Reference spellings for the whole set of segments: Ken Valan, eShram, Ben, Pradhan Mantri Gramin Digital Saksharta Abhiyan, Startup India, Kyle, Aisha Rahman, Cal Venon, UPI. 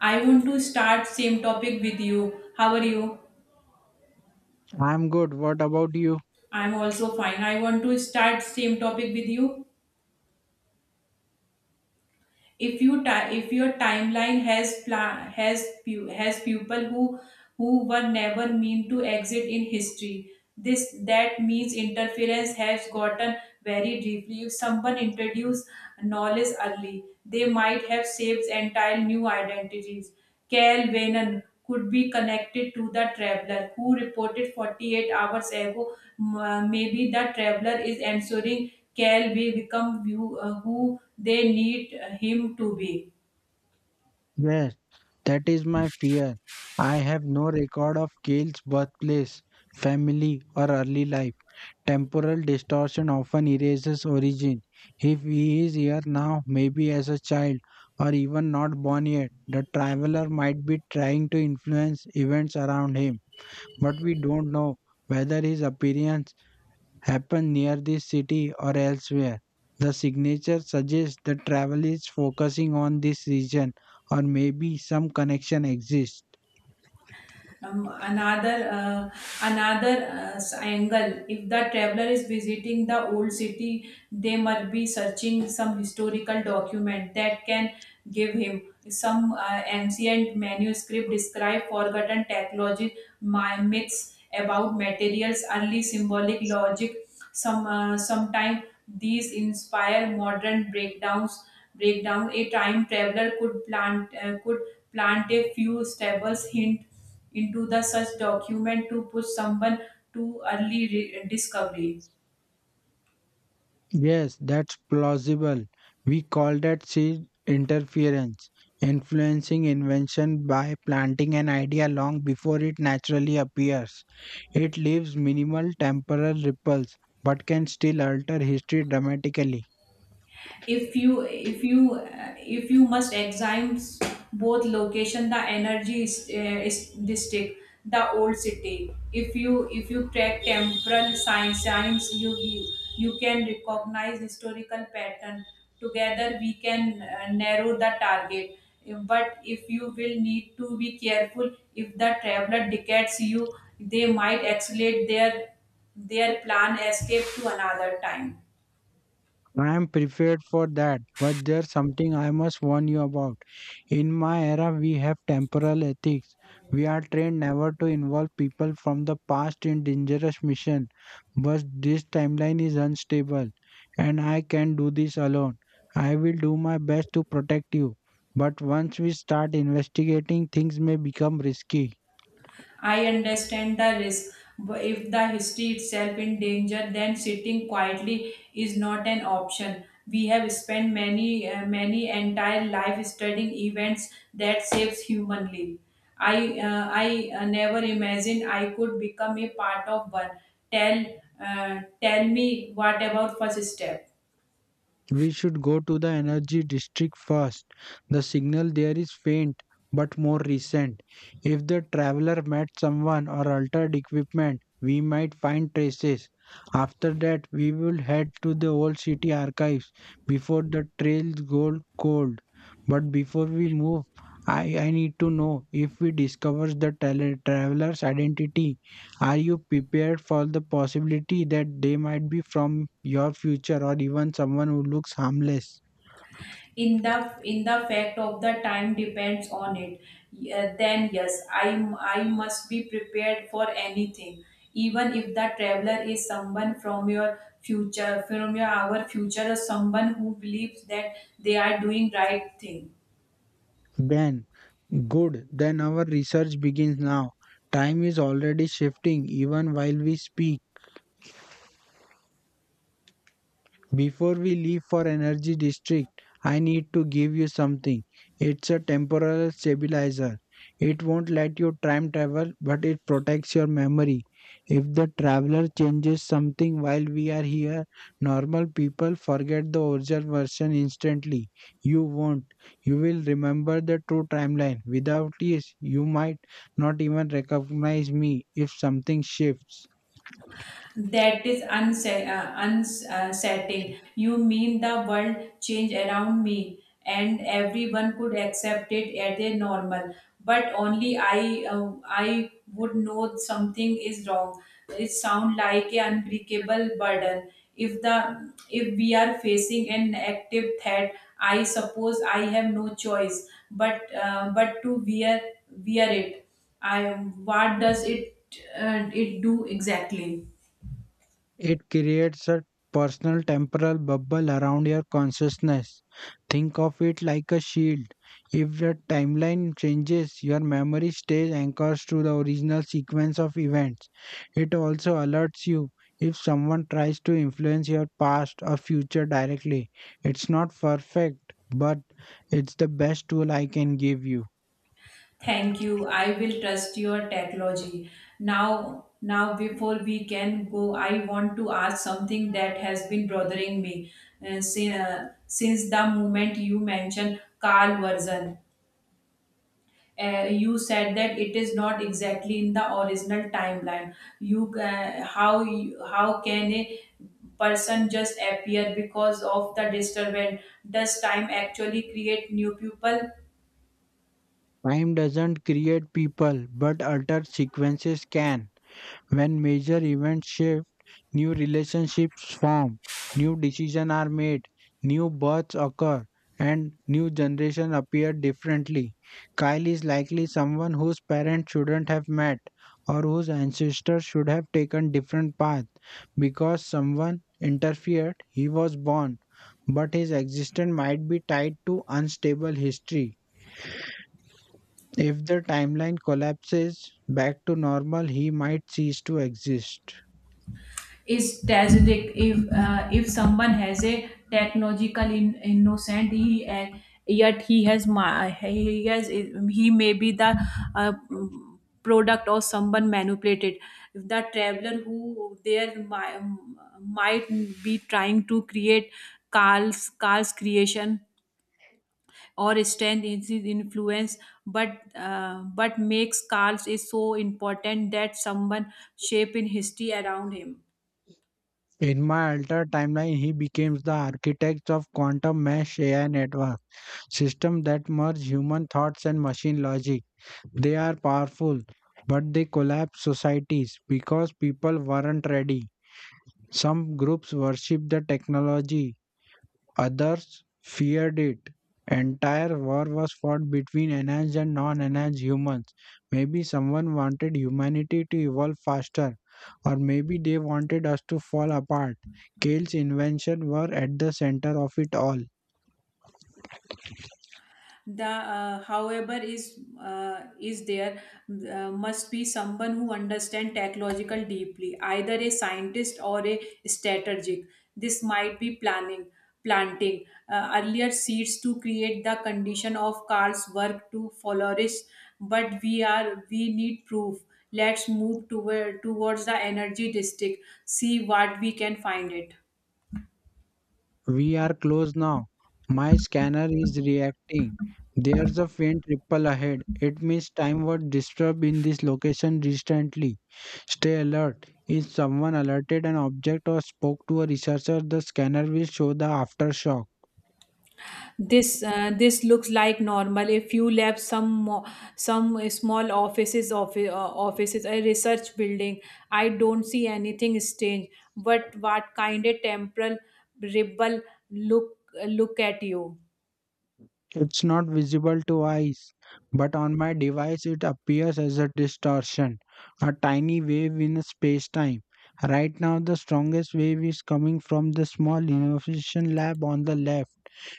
I want to start same topic with you. How are you? I'm good. What about you? I'm also fine. I want to start same topic with you. If your timeline has people who were never meant to exist in history, this that means interference has gotten very deeply. If someone introduced knowledge early, they might have shaped entire new identities. Cal Venon could be connected to the traveler who reported 48 hours ago. Maybe the traveler is answering Cal will become who they need him to be. Yes, that is my fear. I have no record of Gail's birthplace, family, or early life. Temporal distortion often erases origin. If he is here now, maybe as a child, or even not born yet, the traveler might be trying to influence events around him. But we don't know whether his appearance happen near this city or elsewhere. The signature suggests the travel is focusing on this region, or maybe some connection exists. Another another angle, if the traveler is visiting the old city, they might be searching some historical document that can give him some ancient manuscript describe forgotten technology, my myths about materials, early symbolic logic. Sometime these inspire modern breakdown a time traveler could plant a few staples hint into the such document to push someone to early discovery. Yes, that's plausible. We call that seed interference, influencing invention by planting an idea long before it naturally appears. It leaves minimal temporal ripples but can still alter history dramatically. If you must examine both location, the energy is district, the old city. If you track temporal science, you can recognize historical pattern. Together we can narrow the target. But if you will need to be careful, if the traveler decades you, they might accelerate their plan, escape to another time. I am prepared for that, but there's something I must warn you about. In my era, we have temporal ethics. We are trained never to involve people from the past in dangerous mission, but this timeline is unstable, and I can do this alone. I will do my best to protect you, but once we start investigating, things may become risky. I understand the risk. But if the history itself in danger, then sitting quietly is not an option. We have spent many entire life studying events that saves human life. I never imagined I could become a part of one. Tell, tell me what about first step. We should go to the energy district first. The signal there is faint but more recent. If the traveler met someone or altered equipment, we might find traces. After that, we will head to the old city archives before the trails go cold. But before we move, I need to know, if we discover the traveler's identity, are you prepared for the possibility that they might be from your future, or even someone who looks harmless? In the in the fact of the time depends on it. Yeah, then yes, I must be prepared for anything, even if the traveler is someone from your future, from your our future, or someone who believes that they are doing right thing. Ben, good, then our research begins now. Time is already shifting even while we speak. Before we leave for Energy District, I need to give you something. It's a temporal stabilizer. It won't let you time travel, but it protects your memory. If the traveler changes something while we are here, normal people forget the original version instantly. You won't. You will remember the true timeline. Without this, you might not even recognize me if something shifts. That is unsettling. Uns- setting. You mean the world changed around me and everyone could accept it as a normal. But only I would know something is wrong. It sounds like an unbreakable burden. If we are facing an active threat, I suppose I have no choice but to wear it. I, what does it it do exactly? It creates a personal temporal bubble around your consciousness. Think of it like a shield. If the timeline changes, your memory stays anchors to the original sequence of events. It also alerts you if someone tries to influence your past or future directly. It's not perfect, but it's the best tool I can give you. Thank you. I will trust your technology. Now before we can go, I want to ask something that has been bothering me since the moment you mentioned Carl version. You said that it is not exactly in the original timeline. How can a person just appear because of the disturbance? Does time actually create new people? Time doesn't create people, but altered sequences can. When major events shift, new relationships form, new decisions are made, new births occur, and new generations appear differently. Kyle is likely someone whose parents shouldn't have met, or whose ancestors should have taken different paths. Because someone interfered, he was born, but his existence might be tied to unstable history. If the timeline collapses back to normal, he might cease to exist. Is tragic if someone has a technological in, innocent he, and yet he has ma- he has he may be the uh, product of someone manipulated. If the traveler who there might be trying to create Carl's creation or strength in his influence. But makes Carl's is so important that someone shape in history around him. In my altered timeline, he becomes the architect of quantum mesh AI network systems that merge human thoughts and machine logic. They are powerful, but they collapse societies because people weren't ready. Some groups worship the technology. Others feared it. Entire war was fought between enhanced and non-enhanced humans. Maybe someone wanted humanity to evolve faster, or maybe they wanted us to fall apart. Kale's invention were at the center of it all. The however is there must be someone who understand technological deeply, either a scientist or a strategic. This might be planning planting earlier seeds to create the condition of carl's work to flourish. But we need proof. Let's move towards the energy district, see what we can find it. We are close now. My scanner is reacting. There's a faint ripple ahead. It means time was disturbed in this location recently. Stay alert. If someone alerted an object or spoke to a researcher, the scanner will show the aftershock. This this looks like normal. A few labs, some small offices, a research building. I don't see anything strange. But what kind of temporal ripple look, look at you? It's not visible to eyes, but on my device it appears as a distortion, a tiny wave in space time. Right now, the strongest wave is coming from the small innovation lab on the left.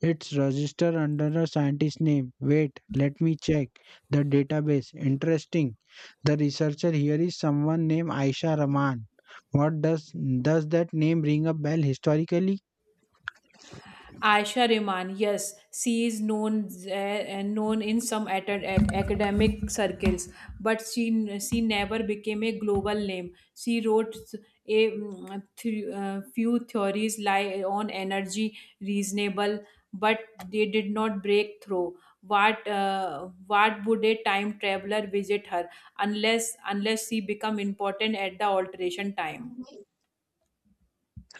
It's registered under a scientist name. Wait, let me check the database. Interesting. The researcher here is someone named Aisha Rahman. What does that name ring a bell historically? Aisha Rahman, yes, she is known and known in some academic circles, but she never became a global name. She wrote a few theories lie on energy, reasonable, but they did not break through. What would a time traveler visit her unless she become important at the alteration time?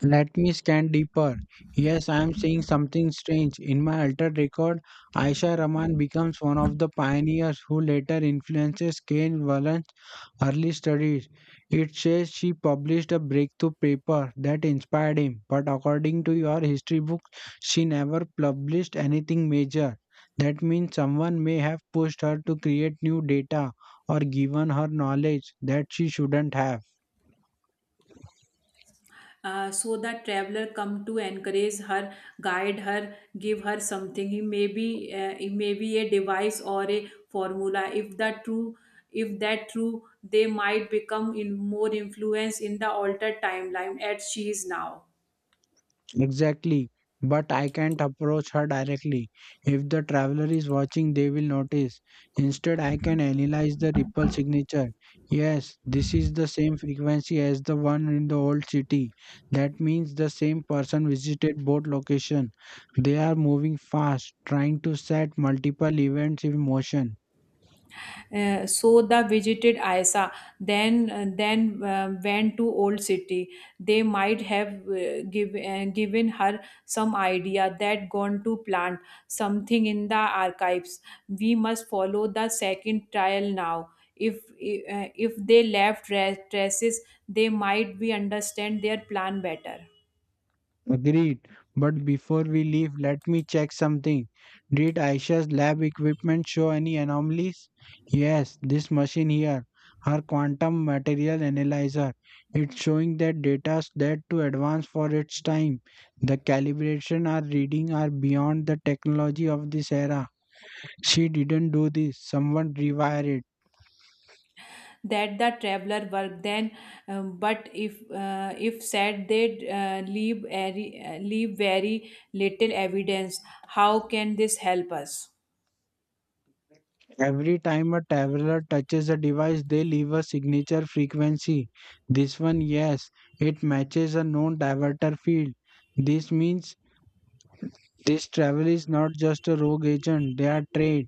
Let me scan deeper. Yes, I am seeing something strange. In my altered record, Aisha Rahman becomes one of the pioneers who later influences Ken Valan early studies. It says she published a breakthrough paper that inspired him, but according to your history book, she never published anything major. That means someone may have pushed her to create new data, or given her knowledge that she shouldn't have. So that traveler come to encourage her, guide her, give her something. He may be it may be a device or a formula. If that true, if that true, they might become in more influence in the altered timeline as she is now. Exactly. But I can't approach her directly. If the traveler is watching, they will notice. Instead, I can analyze the ripple signature. Yes, this is the same frequency as the one in the old city. That means the same person visited both locations. They are moving fast, trying to set multiple events in motion. So the visited Isa, then went to old city. They might have given her some idea that gone to plant something in the archives. We must follow the second trial now. If they left traces, they might we understand their plan better. Agreed. But before we leave, let me check something. Did Aisha's lab equipment show any anomalies? Yes, this machine here, her quantum material analyzer. It's showing that data that to advance for its time. The calibration or reading are beyond the technology of this era. She didn't do this. Someone rewired it. That the traveler work then. But if said they leave very little evidence, how can this help us? Every time a traveler touches a device, they leave a signature frequency. This one, yes, it matches a known diverter field. This means this travel is not just a rogue agent, they are trained,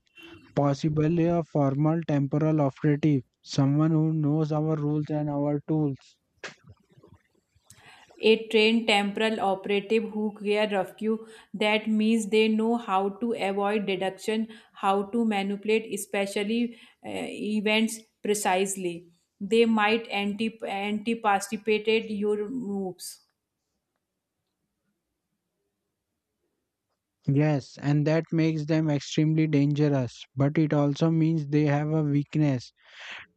possibly a formal temporal operative, someone who knows our rules and our tools. A trained temporal operative who care rescue, that means they know how to avoid deduction, how to manipulate especially uh, events precisely. They might anticipate your moves. Yes, and that makes them extremely dangerous, but it also means they have a weakness.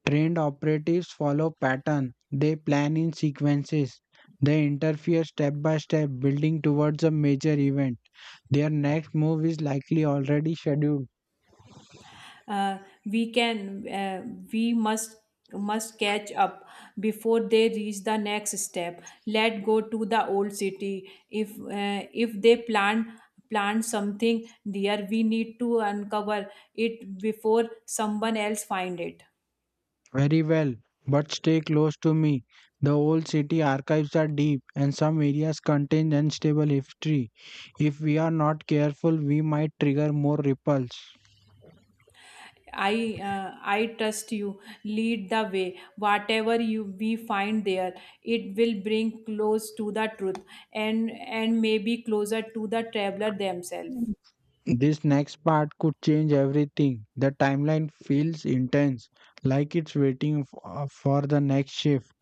Trained operatives follow pattern. They plan in sequences. They interfere step by step, building towards a major event. Their next move is likely already scheduled. uh, we can uh, we must catch up before they reach the next step. Let go to the old city. If if they plan something there, we need to uncover it before someone else find it. Very well, but stay close to me. The old city archives are deep and some areas contain unstable history. If we are not careful, we might trigger more ripples. i I trust you. Lead the way. Whatever you we find there, it will bring close to the truth, and maybe closer to the traveler themselves. This next part could change everything. The timeline feels intense, like it's waiting for the next shift.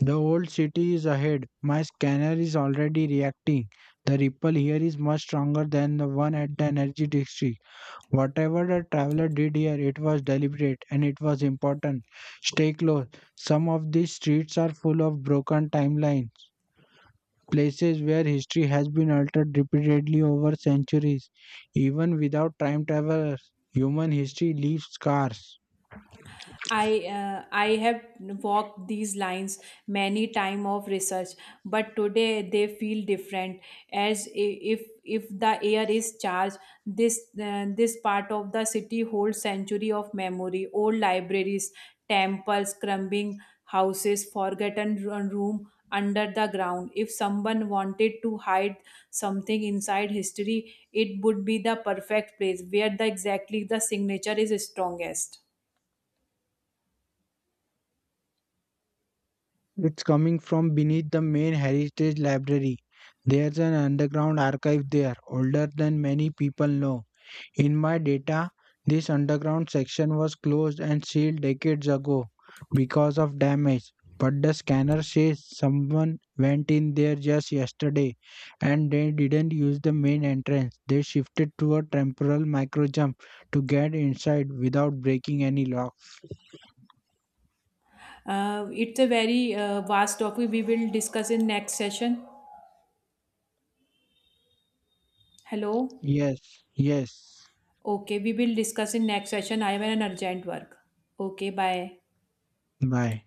The old city is ahead. My scanner is already reacting. The ripple here is much stronger than the one at the energy district. Whatever the traveler did here, it was deliberate and it was important. Stay close. Some of these streets are full of broken timelines, places where history has been altered repeatedly over centuries. Even without time travelers, human history leaves scars. I have walked these lines many time of research, but today they feel different. As if the air is charged, this this part of the city holds century of memory: old libraries, temples, crumbling houses, forgotten room under the ground. If someone wanted to hide something inside history, it would be the perfect place where the exactly the signature is strongest. It's coming from beneath the main heritage library. There's an underground archive there, older than many people know. In my data, this underground section was closed and sealed decades ago because of damage. But the scanner says someone went in there just yesterday, and they didn't use the main entrance. They shifted to a temporal micro jump to get inside without breaking any locks. It's a very vast topic. We will discuss in next session. Hello. Yes, yes. Okay, we will discuss in next session. I am an urgent work. Okay, bye. Bye.